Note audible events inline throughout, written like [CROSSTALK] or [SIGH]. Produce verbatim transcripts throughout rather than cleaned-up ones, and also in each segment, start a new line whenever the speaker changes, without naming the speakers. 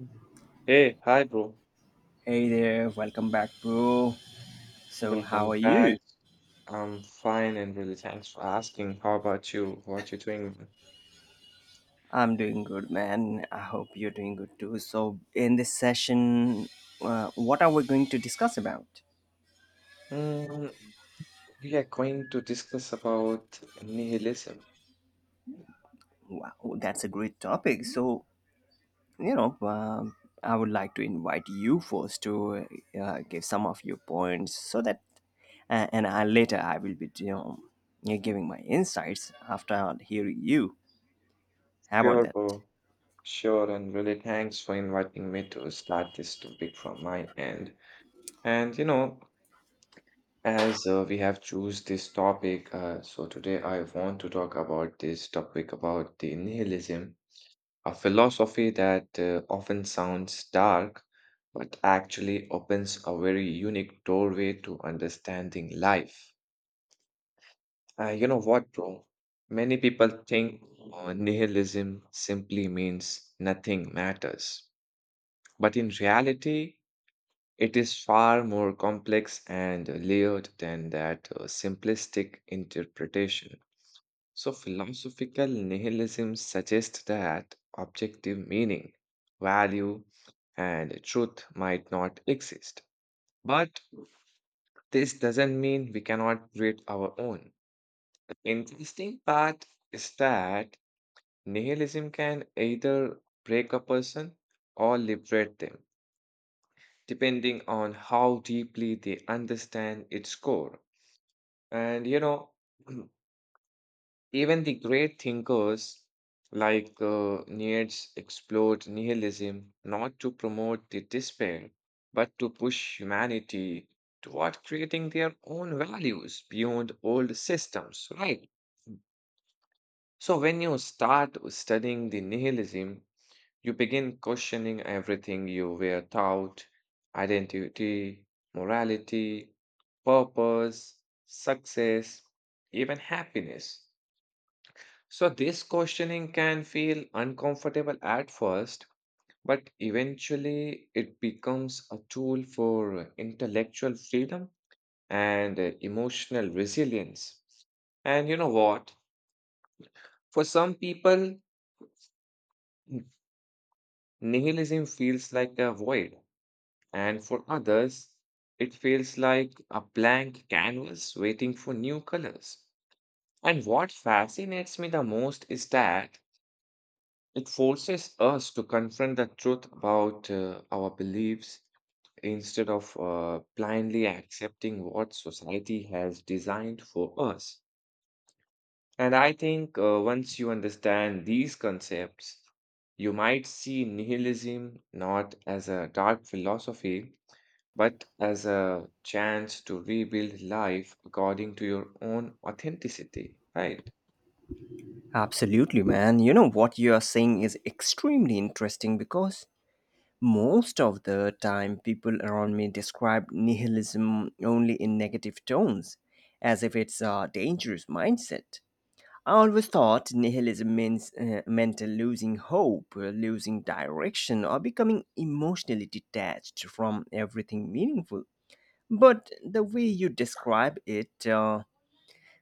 Mhm. Hey, hi, bro.
Hey there, welcome back, bro. So, how
Welcome
are you?
back. I'm fine and really thanks for asking. How about you? What you doing?
I'm doing good, man. I hope you're doing good too. So, in this session, uh, what are we going to discuss about?
Mm, we are going to discuss about nihilism.
Wow, that's a great topic. So, you know, um, I would like to invite you first to uh, give some of your points so that, uh, and I, later I will be, you know, giving my insights after hearing you. How about
Sure,
that?
bro. Sure, and really thanks for inviting me to start this topic from my end. And you know, as uh, we have choose this topic, uh, so today I want to talk about this topic about the nihilism, a philosophy that uh, often sounds dark, but actually opens a very unique doorway to understanding life. Uh, you know what, bro? Many people think uh, nihilism simply means nothing matters. But in reality, it is far more complex and layered than that uh, simplistic interpretation. So, philosophical nihilism suggests that objective meaning, value, and truth might not exist. But this doesn't mean we cannot create our own. The interesting part is that nihilism can either break a person or liberate them, depending on how deeply they understand its core. And you know, [CLEARS THROAT] even the great thinkers like uh, Nietzsche explored nihilism not to promote the despair, but to push humanity toward creating their own values beyond old systems, right? So when you start studying the nihilism, you begin questioning everything you were taught: identity, morality, purpose, success, even happiness. So, this questioning can feel uncomfortable at first, but eventually it becomes a tool for intellectual freedom and uh, emotional resilience. And you know what? For some people, nihilism feels like a void, and for others, it feels like a blank canvas waiting for new colors. And what fascinates me the most is that it forces us to confront the truth about uh, our beliefs instead of uh, blindly accepting what society has designed for us. And I think uh, once you understand these concepts, you might see nihilism not as a dark philosophy, but as a chance to rebuild life according to your own authenticity, right?
Absolutely, man. You know what you are saying is extremely interesting because most of the time people around me describe nihilism only in negative tones, as if it's a dangerous mindset. I always thought nihilism means uh, meant losing hope, uh, losing direction, or becoming emotionally detached from everything meaningful. But the way you describe it uh,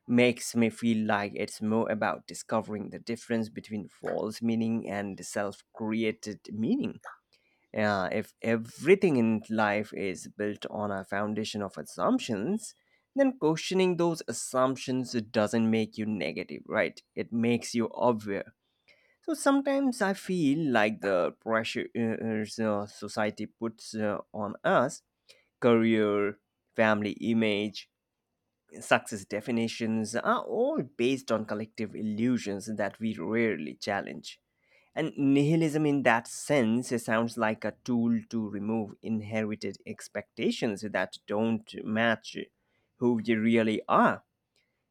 makes me feel like it's more about discovering the difference between false meaning and self created meaning. Uh, if everything in life is built on a foundation of assumptions, then questioning those assumptions doesn't make you negative, right? It makes you aware. So sometimes I feel like the pressure uh, uh, society puts uh, on us, career, family image, success definitions are all based on collective illusions that we rarely challenge. And nihilism, in that sense, sounds like a tool to remove inherited expectations that don't match who we really are.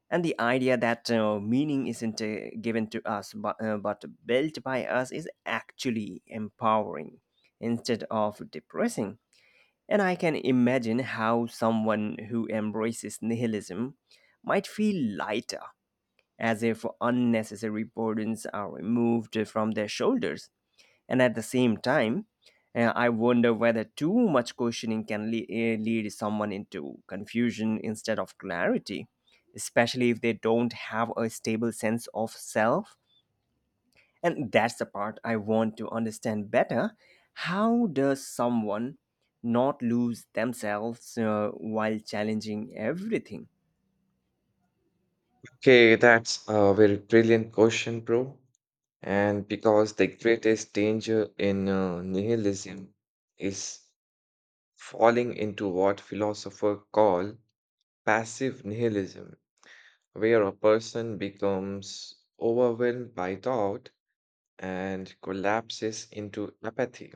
And the idea that uh, meaning isn't uh, given to us but, uh, but built by us is actually empowering instead of depressing. And I can imagine how someone who embraces nihilism might feel lighter, as if unnecessary burdens are removed from their shoulders. And at the same time, uh, I wonder whether too much questioning can le- eh, lead someone into confusion instead of clarity, especially if they don't have a stable sense of self. And that's the part I want to understand better. How does someone not lose themselves uh, while challenging everything?
Okay, that's a very brilliant question, bro. And because the greatest danger in uh, nihilism is falling into what philosophers call passive nihilism, where a person becomes overwhelmed by doubt and collapses into apathy.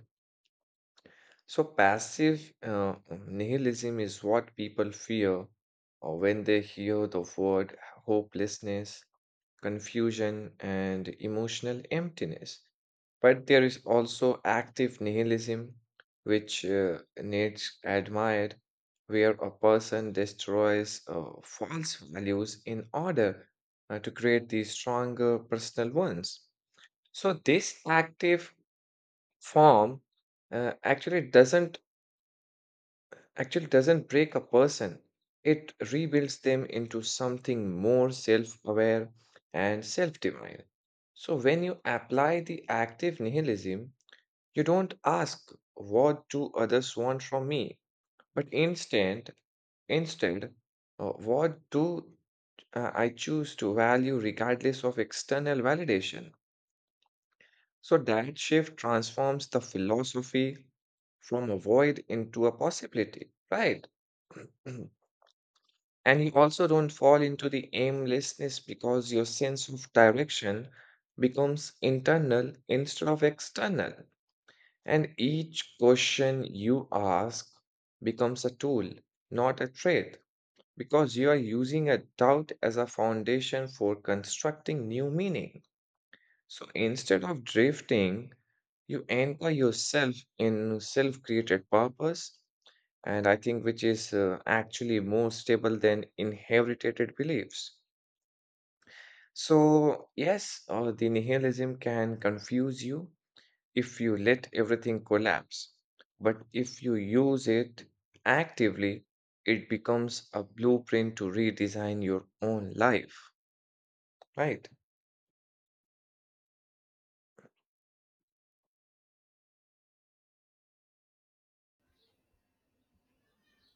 So, passive uh, nihilism is what people fear uh, when they hear the word: hopelessness, confusion, and emotional emptiness. But there is also active nihilism, which uh, needs admired, where a person destroys uh, false values in order uh, to create these stronger personal ones. So, this active form uh, actually doesn't actually doesn't break a person, it rebuilds them into something more self aware and self divine. So, when you apply the active nihilism, you don't ask, "What do others want from me?" but instead, instead, uh, what do uh, I choose to value regardless of external validation? So, that shift transforms the philosophy from a void into a possibility, right? [CLEARS THROAT] And you also don't fall into the aimlessness because your sense of direction becomes internal instead of external. And each question you ask becomes a tool, not a trait, because you are using a doubt as a foundation for constructing new meaning. So instead of drifting, you anchor yourself in self created purpose and I think which is uh, actually more stable than inherited beliefs. So, yes, uh, the nihilism can confuse you if you let everything collapse, but if you use it actively, it becomes a blueprint to redesign your own life, right?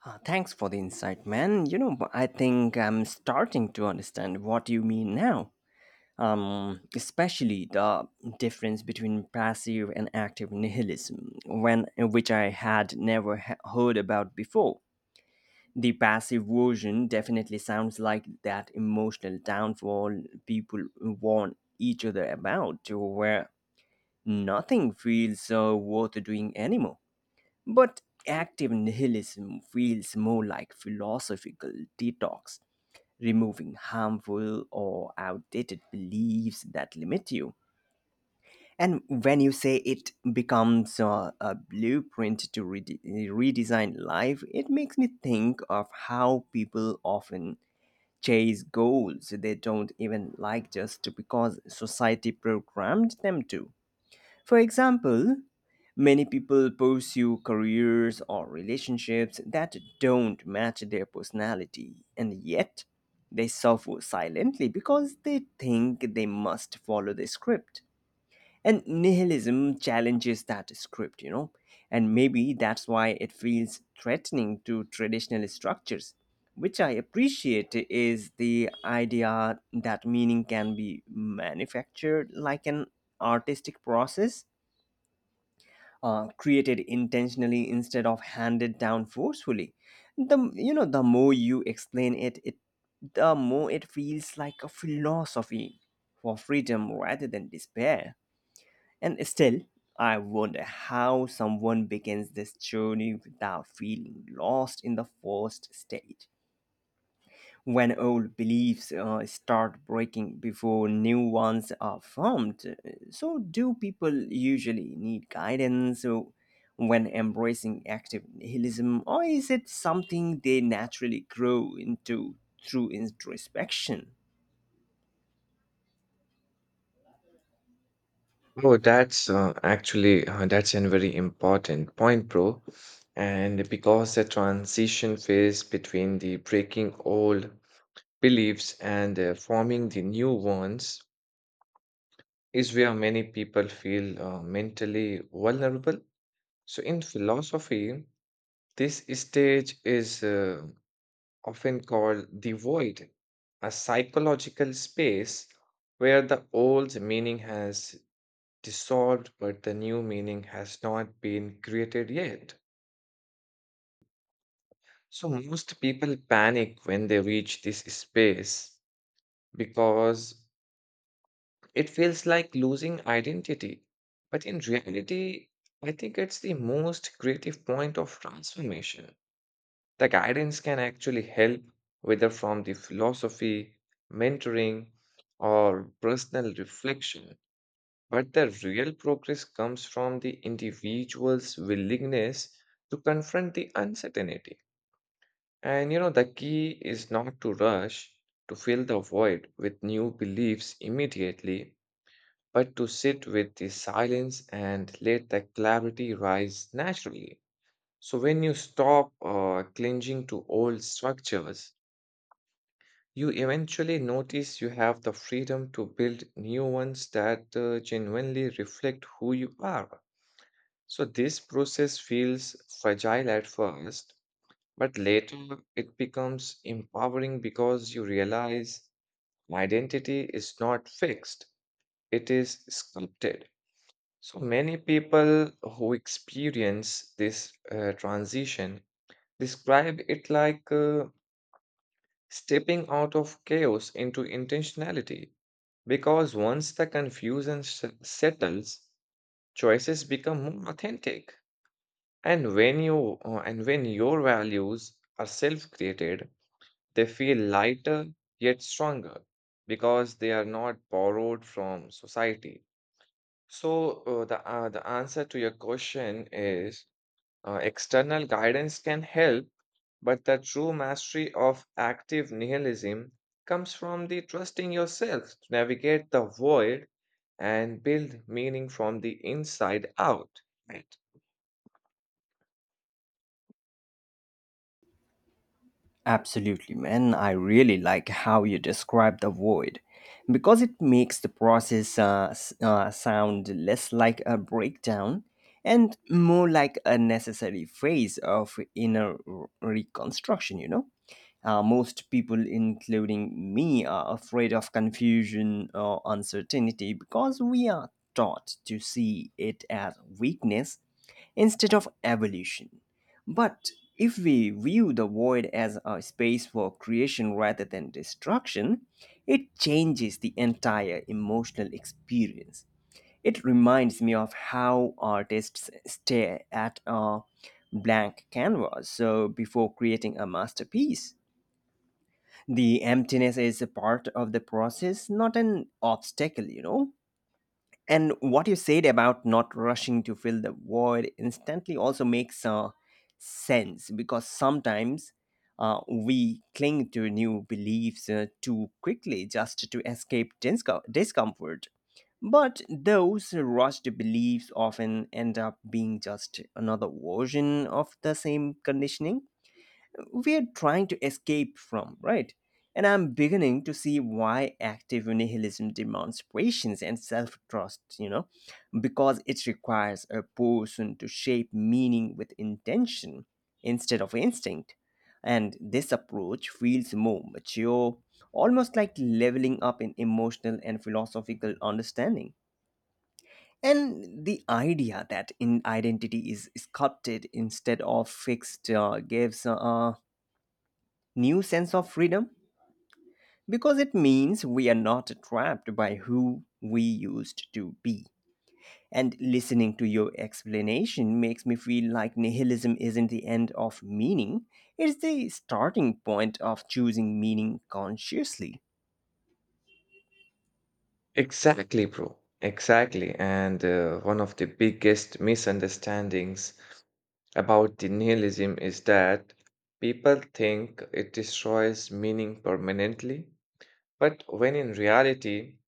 Uh, thanks for the insight, man. You know, I think I'm starting to understand what you mean now. Um, especially the difference between passive and active nihilism, when which I had never he- heard about before. The passive version definitely sounds like that emotional downfall people warn each other about, where nothing feels uh, worth doing anymore. But active nihilism feels more like philosophical detox, removing harmful or outdated beliefs that limit you. And when you say it becomes uh, a blueprint to rede- redesign life, it makes me think of how people often chase goals they don't even like just because society programmed them to. For example, many people pursue careers or relationships that don't match their personality, and yet they suffer silently because they think they must follow the script. And nihilism challenges that script, you know, and maybe that's why it feels threatening to traditional structures. Which I appreciate is the idea that meaning can be manufactured like an artistic process, uh, created intentionally instead of handed down forcefully. The you know the more you explain it, it the more it feels like a philosophy for freedom rather than despair. And still, I wonder how someone begins this journey without feeling lost in the first stage, when old beliefs uh, start breaking before new ones are formed. So, do people usually need guidance so when embracing active nihilism, or is it something they naturally grow into through introspection?
Oh, that's uh, actually uh, that's a very important point, bro. And because the transition phase between the breaking old beliefs and uh, forming the new ones is where many people feel uh, mentally vulnerable. So, in philosophy, this stage is uh, often called the void, a psychological space where the old meaning has dissolved but the new meaning has not been created yet. So, most people panic when they reach this space because it feels like losing identity. But in reality, I think it's the most creative point of transformation. The guidance can actually help, whether from the philosophy, mentoring, or personal reflection. But the real progress comes from the individual's willingness to confront the uncertainty. And you know, the key is not to rush to fill the void with new beliefs immediately but to sit with the silence and let the clarity rise naturally. So, when you stop uh, clinging to old structures, you eventually notice you have the freedom to build new ones that uh, genuinely reflect who you are. So, this process feels fragile at first, but later it becomes empowering because you realize identity is not fixed, it is sculpted. So many people who experience this uh, transition describe it like uh, stepping out of chaos into intentionality because once the confusion s- settles, choices become more authentic. And when you uh, and when your values are self-created, they feel lighter yet stronger because they are not borrowed from society. So uh, the uh, the answer to your question is: Uh, external guidance can help, but the true mastery of active nihilism comes from the trusting yourself to navigate the void and build meaning from the inside out. Right.
Absolutely, man. I really like how you describe the void because it makes the process uh, s- uh, sound less like a breakdown and more like a necessary phase of inner r- reconstruction, you know? Uh, most people, including me, are afraid of confusion or uncertainty because we are taught to see it as weakness instead of evolution. But if we view the void as a space for creation rather than destruction, it changes the entire emotional experience. It reminds me of how artists stare at a blank canvas so before creating a masterpiece. The emptiness is a part of the process, not an obstacle, you know. And what you said about not rushing to fill the void instantly also makes uh, sense because sometimes uh, we cling to new beliefs uh, too quickly just to escape disco- discomfort. But those rushed beliefs often end up being just another version of the same conditioning we are trying to escape from, right? And I'm beginning to see why active nihilism demands patience and self trust, you know, because it requires a person to shape meaning with intention instead of instinct. And this approach feels more mature, almost like leveling up in emotional and philosophical understanding. And the idea that in identity is sculpted instead of fixed uh, gives uh, new sense of freedom because it means we are not trapped by who we used to be. And listening to your explanation makes me feel like nihilism isn't the end of meaning, it's the starting point of choosing meaning consciously.
Exactly, bro. Exactly. And uh, one of the biggest misunderstandings about the nihilism is that people think it destroys meaning permanently, but when in reality,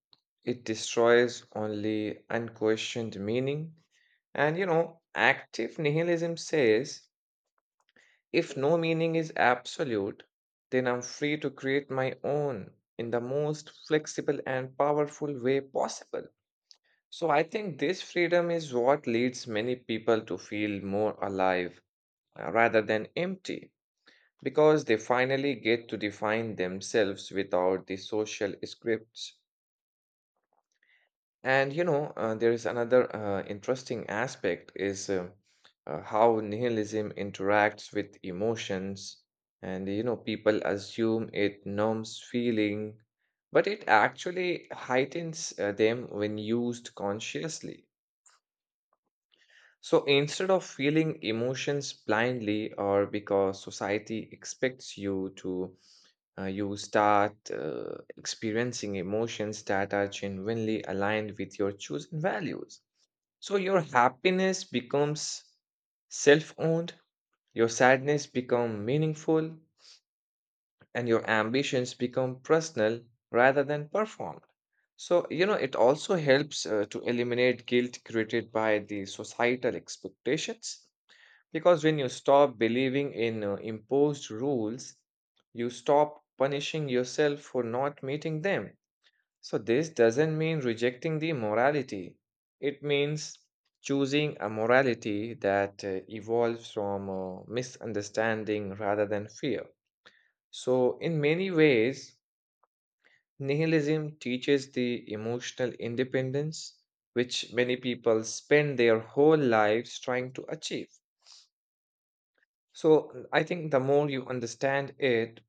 it destroys only unquestioned meaning. And you know, active nihilism says if no meaning is absolute, then I'm free to create my own in the most flexible and powerful way possible. So I think this freedom is what leads many people to feel more alive uh, rather than empty because they finally get to define themselves without the social scripts. And you know, uh, there is another uh, interesting aspect is uh, uh, how nihilism interacts with emotions. And you know, people assume it numbs feeling, but it actually heightens uh, them when used consciously. So instead of feeling emotions blindly or because society expects you to, uh, you start uh, experiencing emotions that are genuinely aligned with your chosen values. So your happiness becomes self-owned, your sadness become meaningful, and your ambitions become personal rather than performed. So, you know, it also helps uh, to eliminate guilt created by the societal expectations because when you stop believing in uh, imposed rules, you stop punishing yourself for not meeting them. So, this doesn't mean rejecting the morality, it means choosing a morality that uh, evolves from uh, misunderstanding rather than fear. So, in many ways, nihilism teaches the emotional independence which many people spend their whole lives trying to achieve. So uh, I think the more you understand it,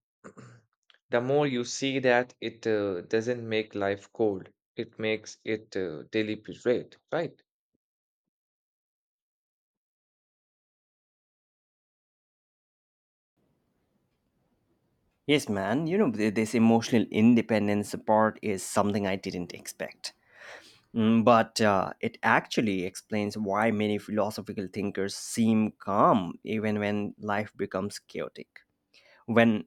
[CLEARS THROAT] the more you see that it uh, doesn't make life cold. It makes it uh, deliberate, right?
Yes, man, you know, th- this emotional independence part is something I didn't expect. Mm, But uh, it actually explains why many philosophical thinkers seem calm even when life becomes chaotic. When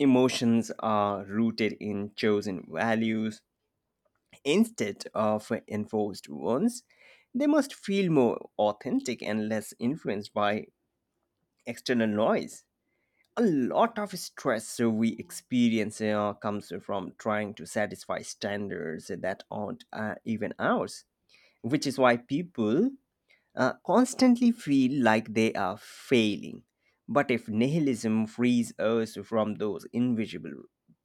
emotions are rooted in chosen values instead of enforced ones. They must feel more authentic and less influenced by external noise. A lot of stress we experience uh, comes from trying to satisfy standards that aren't uh, even ours, which is why people uh, constantly feel like they are failing. But if nihilism frees us from those invisible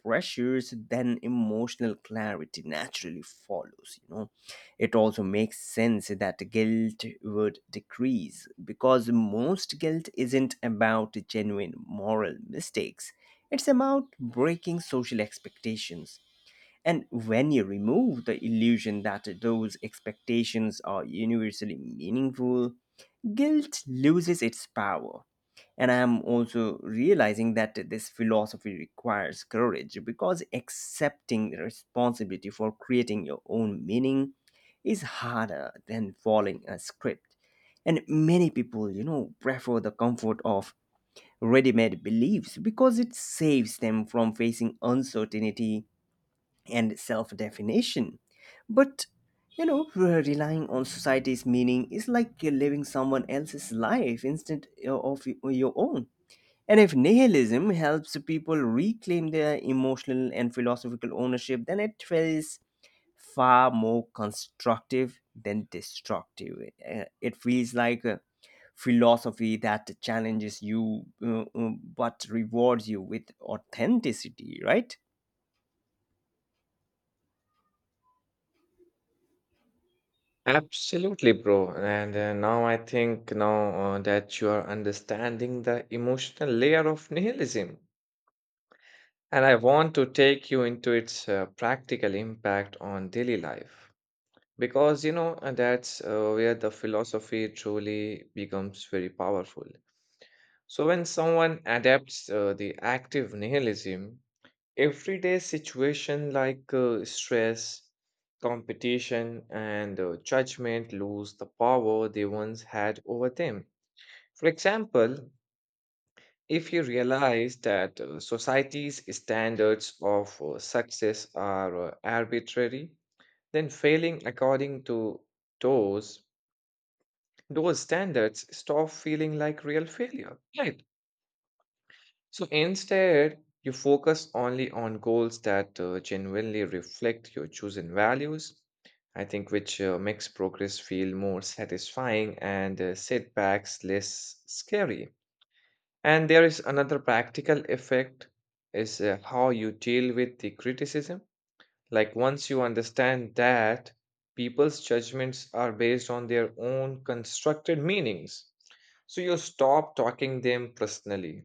pressures, then emotional clarity naturally follows. You know, it also makes sense that guilt would decrease because most guilt isn't about genuine moral mistakes, it's about breaking social expectations. And when you remove the illusion that those expectations are universally meaningful, guilt loses its power. And I am also realizing that this philosophy requires courage because accepting responsibility for creating your own meaning is harder than following a script. And many people, you know, prefer the comfort of ready made beliefs because it saves them from facing uncertainty and self definition. But you know, relying on society's meaning is like living someone else's life instead of your own. And if nihilism helps people reclaim their emotional and philosophical ownership, then it feels far more constructive than destructive. Uh, It feels like a philosophy that challenges you uh, uh, but rewards you with authenticity, right?
Absolutely, bro. And uh, now I think now uh, that you are understanding the emotional layer of nihilism, and I want to take you into its uh, practical impact on daily life. Because, you know, uh, that's uh, where the philosophy truly becomes very powerful. So, when someone adapts uh, the active nihilism, everyday situation like uh, stress, competition, and uh, judgment lose the power they once had over them. For example, if you realize that uh, society's standards of uh, success are uh, arbitrary, then failing according to those those standards stop feeling like real failure, right? So instead, you focus only on goals that uh, genuinely reflect your chosen values, I think, which uh, makes progress feel more satisfying and uh, setbacks less scary. And there is another practical effect is uh, how you deal with the criticism, like, once you understand that people's judgments are based on their own constructed meanings, so you stop talking them personally.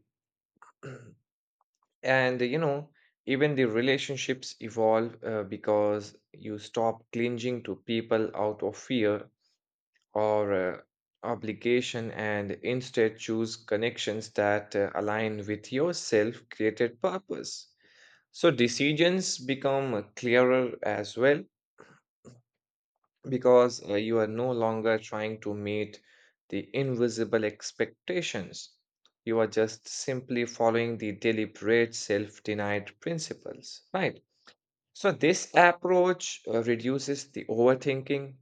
And, you know, even the relationships evolve uh, because you stop clinging to people out of fear or uh, obligation and instead choose connections that uh, align with your self created purpose. So decisions become uh, clearer as well because uh, you are no longer trying to meet the invisible expectations. You are just simply following the deliberate self denied principles, right? So, this approach uh, reduces the overthinking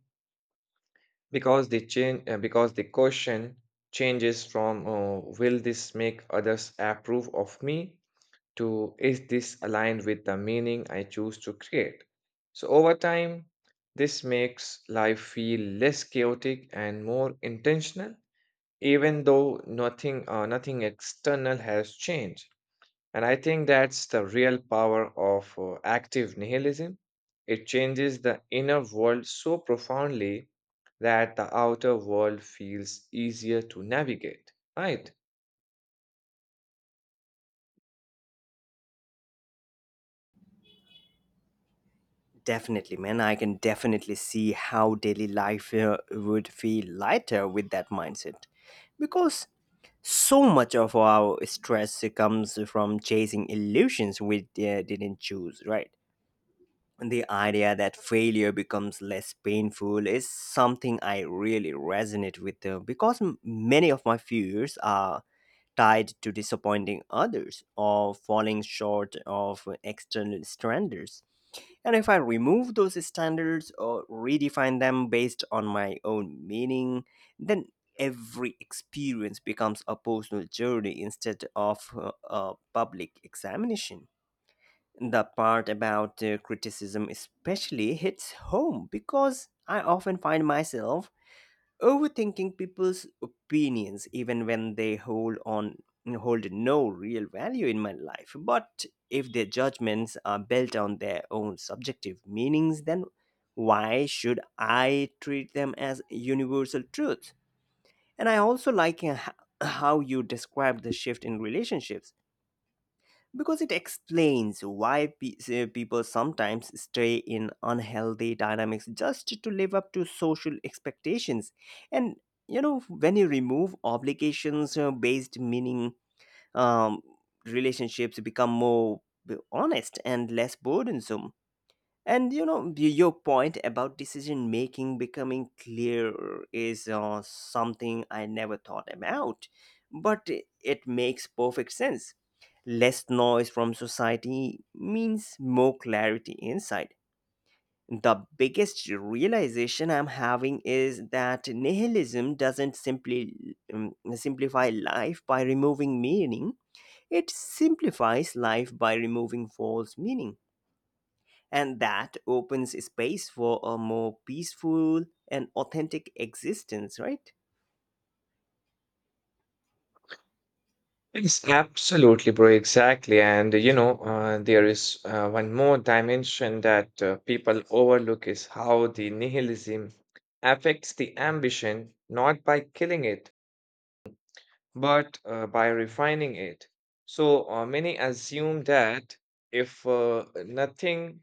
because the, change, uh, because the question changes from uh, will this make others approve of me to is this aligned with the meaning I choose to create? So, over time, this makes life feel less chaotic and more intentional, even though nothing, uh, nothing external has changed. And I think that's the real power of uh, active nihilism. It changes the inner world so profoundly that the outer world feels easier to navigate, right?
Definitely, man. I can definitely see how daily life uh, would feel lighter with that mindset. Because so much of our stress comes from chasing illusions we uh, didn't choose, right? The idea that failure becomes less painful is something I really resonate with uh, because m- many of my fears are tied to disappointing others or falling short of external standards, and if I remove those standards or redefine them based on my own meaning, then every experience becomes a personal journey instead of uh, a public examination. The part about uh, criticism especially hits home because I often find myself overthinking people's opinions, even when they hold on hold no real value in my life. But if their judgments are built on their own subjective meanings, then why should I treat them as universal truth? And I also like uh, h- how you described the shift in relationships because it explains why pe- uh, people sometimes stay in unhealthy dynamics just to live up to social expectations, and you know when you remove obligations uh, based meaning, um, relationships become more honest and less burdensome. And you know, y- your point about decision making becoming clear is uh, something I never thought about, but i- it makes perfect sense. Less noise from society means more clarity inside. The biggest realization I'm having is that nihilism doesn't simply um, simplify life by removing meaning, it simplifies life by removing false meaning, and that opens space for a more peaceful and authentic existence, right?
Yes, absolutely, bro. Exactly. And you know, uh, there is uh, one more dimension that uh, people overlook is how the nihilism affects the ambition, not by killing it, but uh, by refining it. So uh, many assume that if uh, nothing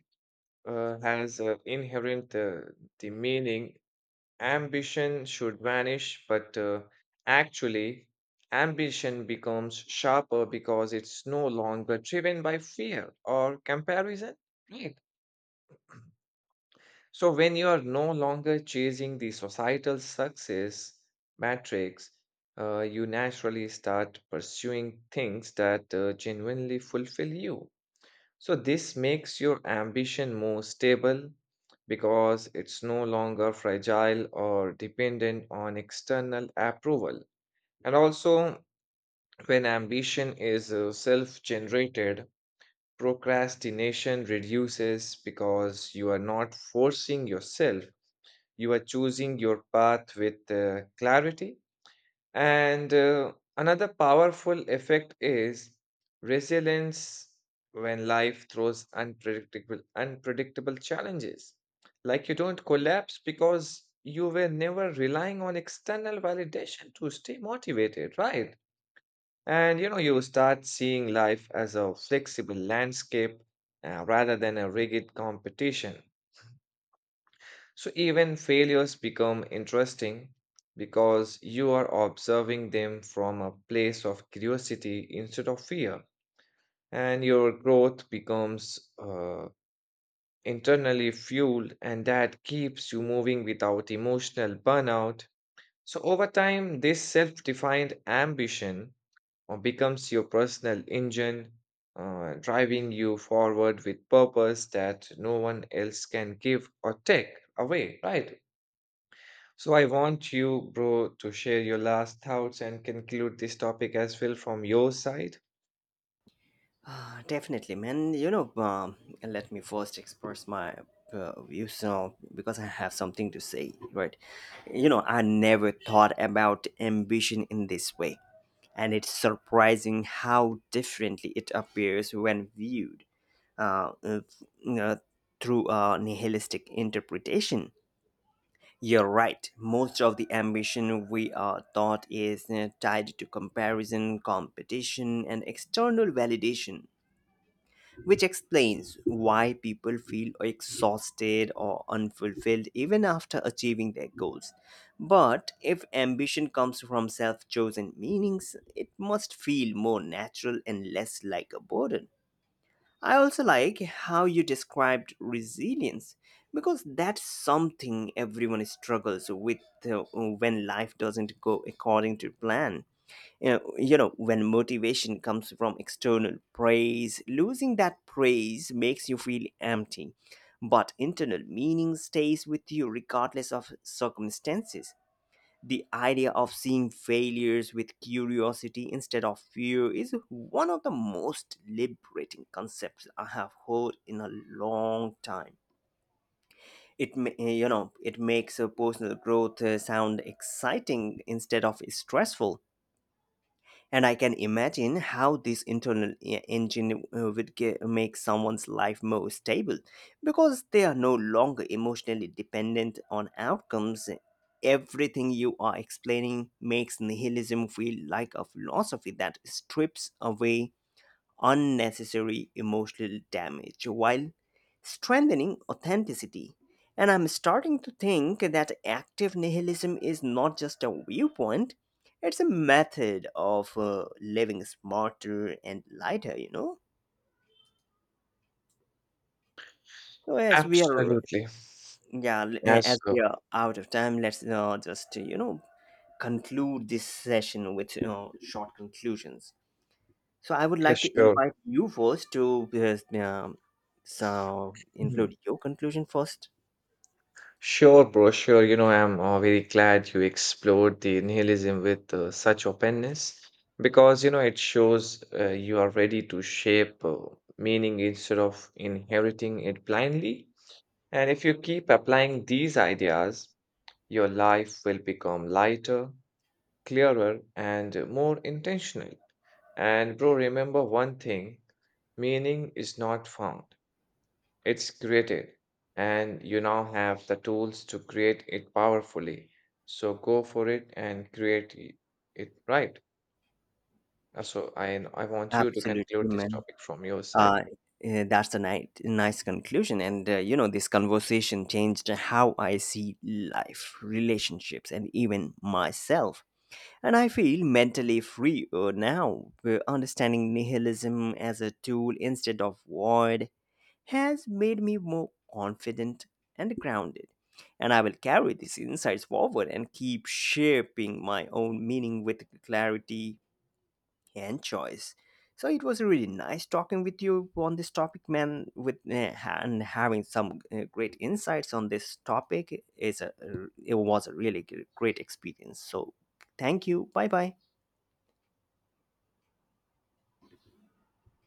uh, has uh, inherent uh, the meaning ambition should vanish, but uh, actually, ambition becomes sharper because it's no longer driven by fear or comparison. Right. So, when you are no longer chasing the societal success matrix, uh, you naturally start pursuing things that uh, genuinely fulfill you. So, this makes your ambition more stable because it's no longer fragile or dependent on external approval. And also, when ambition is self generated, procrastination reduces because you are not forcing yourself, you are choosing your path with uh, clarity, and uh, another powerful effect is resilience when life throws unpredictable unpredictable challenges. Like you don't collapse because you were never relying on external validation to stay motivated, right? And you know, you start seeing life as a flexible landscape uh, rather than a rigid competition. So even failures become interesting because you are observing them from a place of curiosity instead of fear. And your growth becomes uh, internally fueled, and that keeps you moving without emotional burnout. So over time, this self defined ambition uh, becomes your personal engine, uh, driving you forward with purpose that no one else can give or take away, right? So I want you, bro, to share your last thoughts and conclude this topic as well from your side.
Ah, definitely, man. You know um, let me first express my uh, views now because I have something to say, right? You know, I never thought about ambition in this way, and it's surprising how differently it appears when viewed uh, uh, you know, through a nihilistic interpretation. You're right. Most of the ambition we are taught is uh, tied to comparison, competition, and external validation, which explains why people feel exhausted or unfulfilled even after achieving their goals. But if ambition comes from self chosen meanings, it must feel more natural and less like a burden. I also like how you described resilience because that's something everyone struggles with uh, when life doesn't go according to plan. You know, you know, when motivation comes from external praise, losing that praise makes you feel empty. But internal meaning stays with you regardless of circumstances. The idea of seeing failures with curiosity instead of fear is one of the most liberating concepts I have heard in a long time. It ma- you know it makes a personal growth uh, sound exciting instead of stressful, and I can imagine how this internal e- engine uh, would ge- make someone's life more stable because they are no longer emotionally dependent on outcomes. Everything you are explaining makes nihilism feel like a philosophy that strips away unnecessary emotional damage while strengthening authenticity. And I'm starting to think that active nihilism is not just a viewpoint, it's a method of uh, living smarter and lighter, you know? So as we are,
Absolutely.
yeah, l-
Yes,
as
sir.
we are out of time, let's uh, just, you know, conclude this session with, you know, short conclusions. So I would
Yes,
like to
sure.
invite you first to uh, um, so
Mhm.
include your conclusion first.
Sure, bro, sure. You know, I'm uh, very glad you explored the nihilism with uh, such openness because, you know, it shows uh, you are ready to shape uh, meaning instead of inheriting it blindly. And if you keep applying these ideas, your life will become lighter, clearer, and more intentional. And, bro, remember one thing, meaning is not found. It's created, and you now have the tools to create it powerfully. So go for it and create i- it, right. Uh, So I I want you to
Absolutely,
conclude this
man.
topic from your side.
Uh, uh, that's a nice, nice conclusion. And uh, you know, this conversation changed how I see life, relationships, and even myself. And I feel mentally free uh, now, uh, understanding nihilism as a tool instead of void has made me more confident and grounded. And I will carry these insights forward and keep shaping my own meaning with clarity and choice. So it was really nice talking with you on this topic, man. With eh, and having some eh, great insights on this topic is a it was a really great experience. So thank you. Bye bye.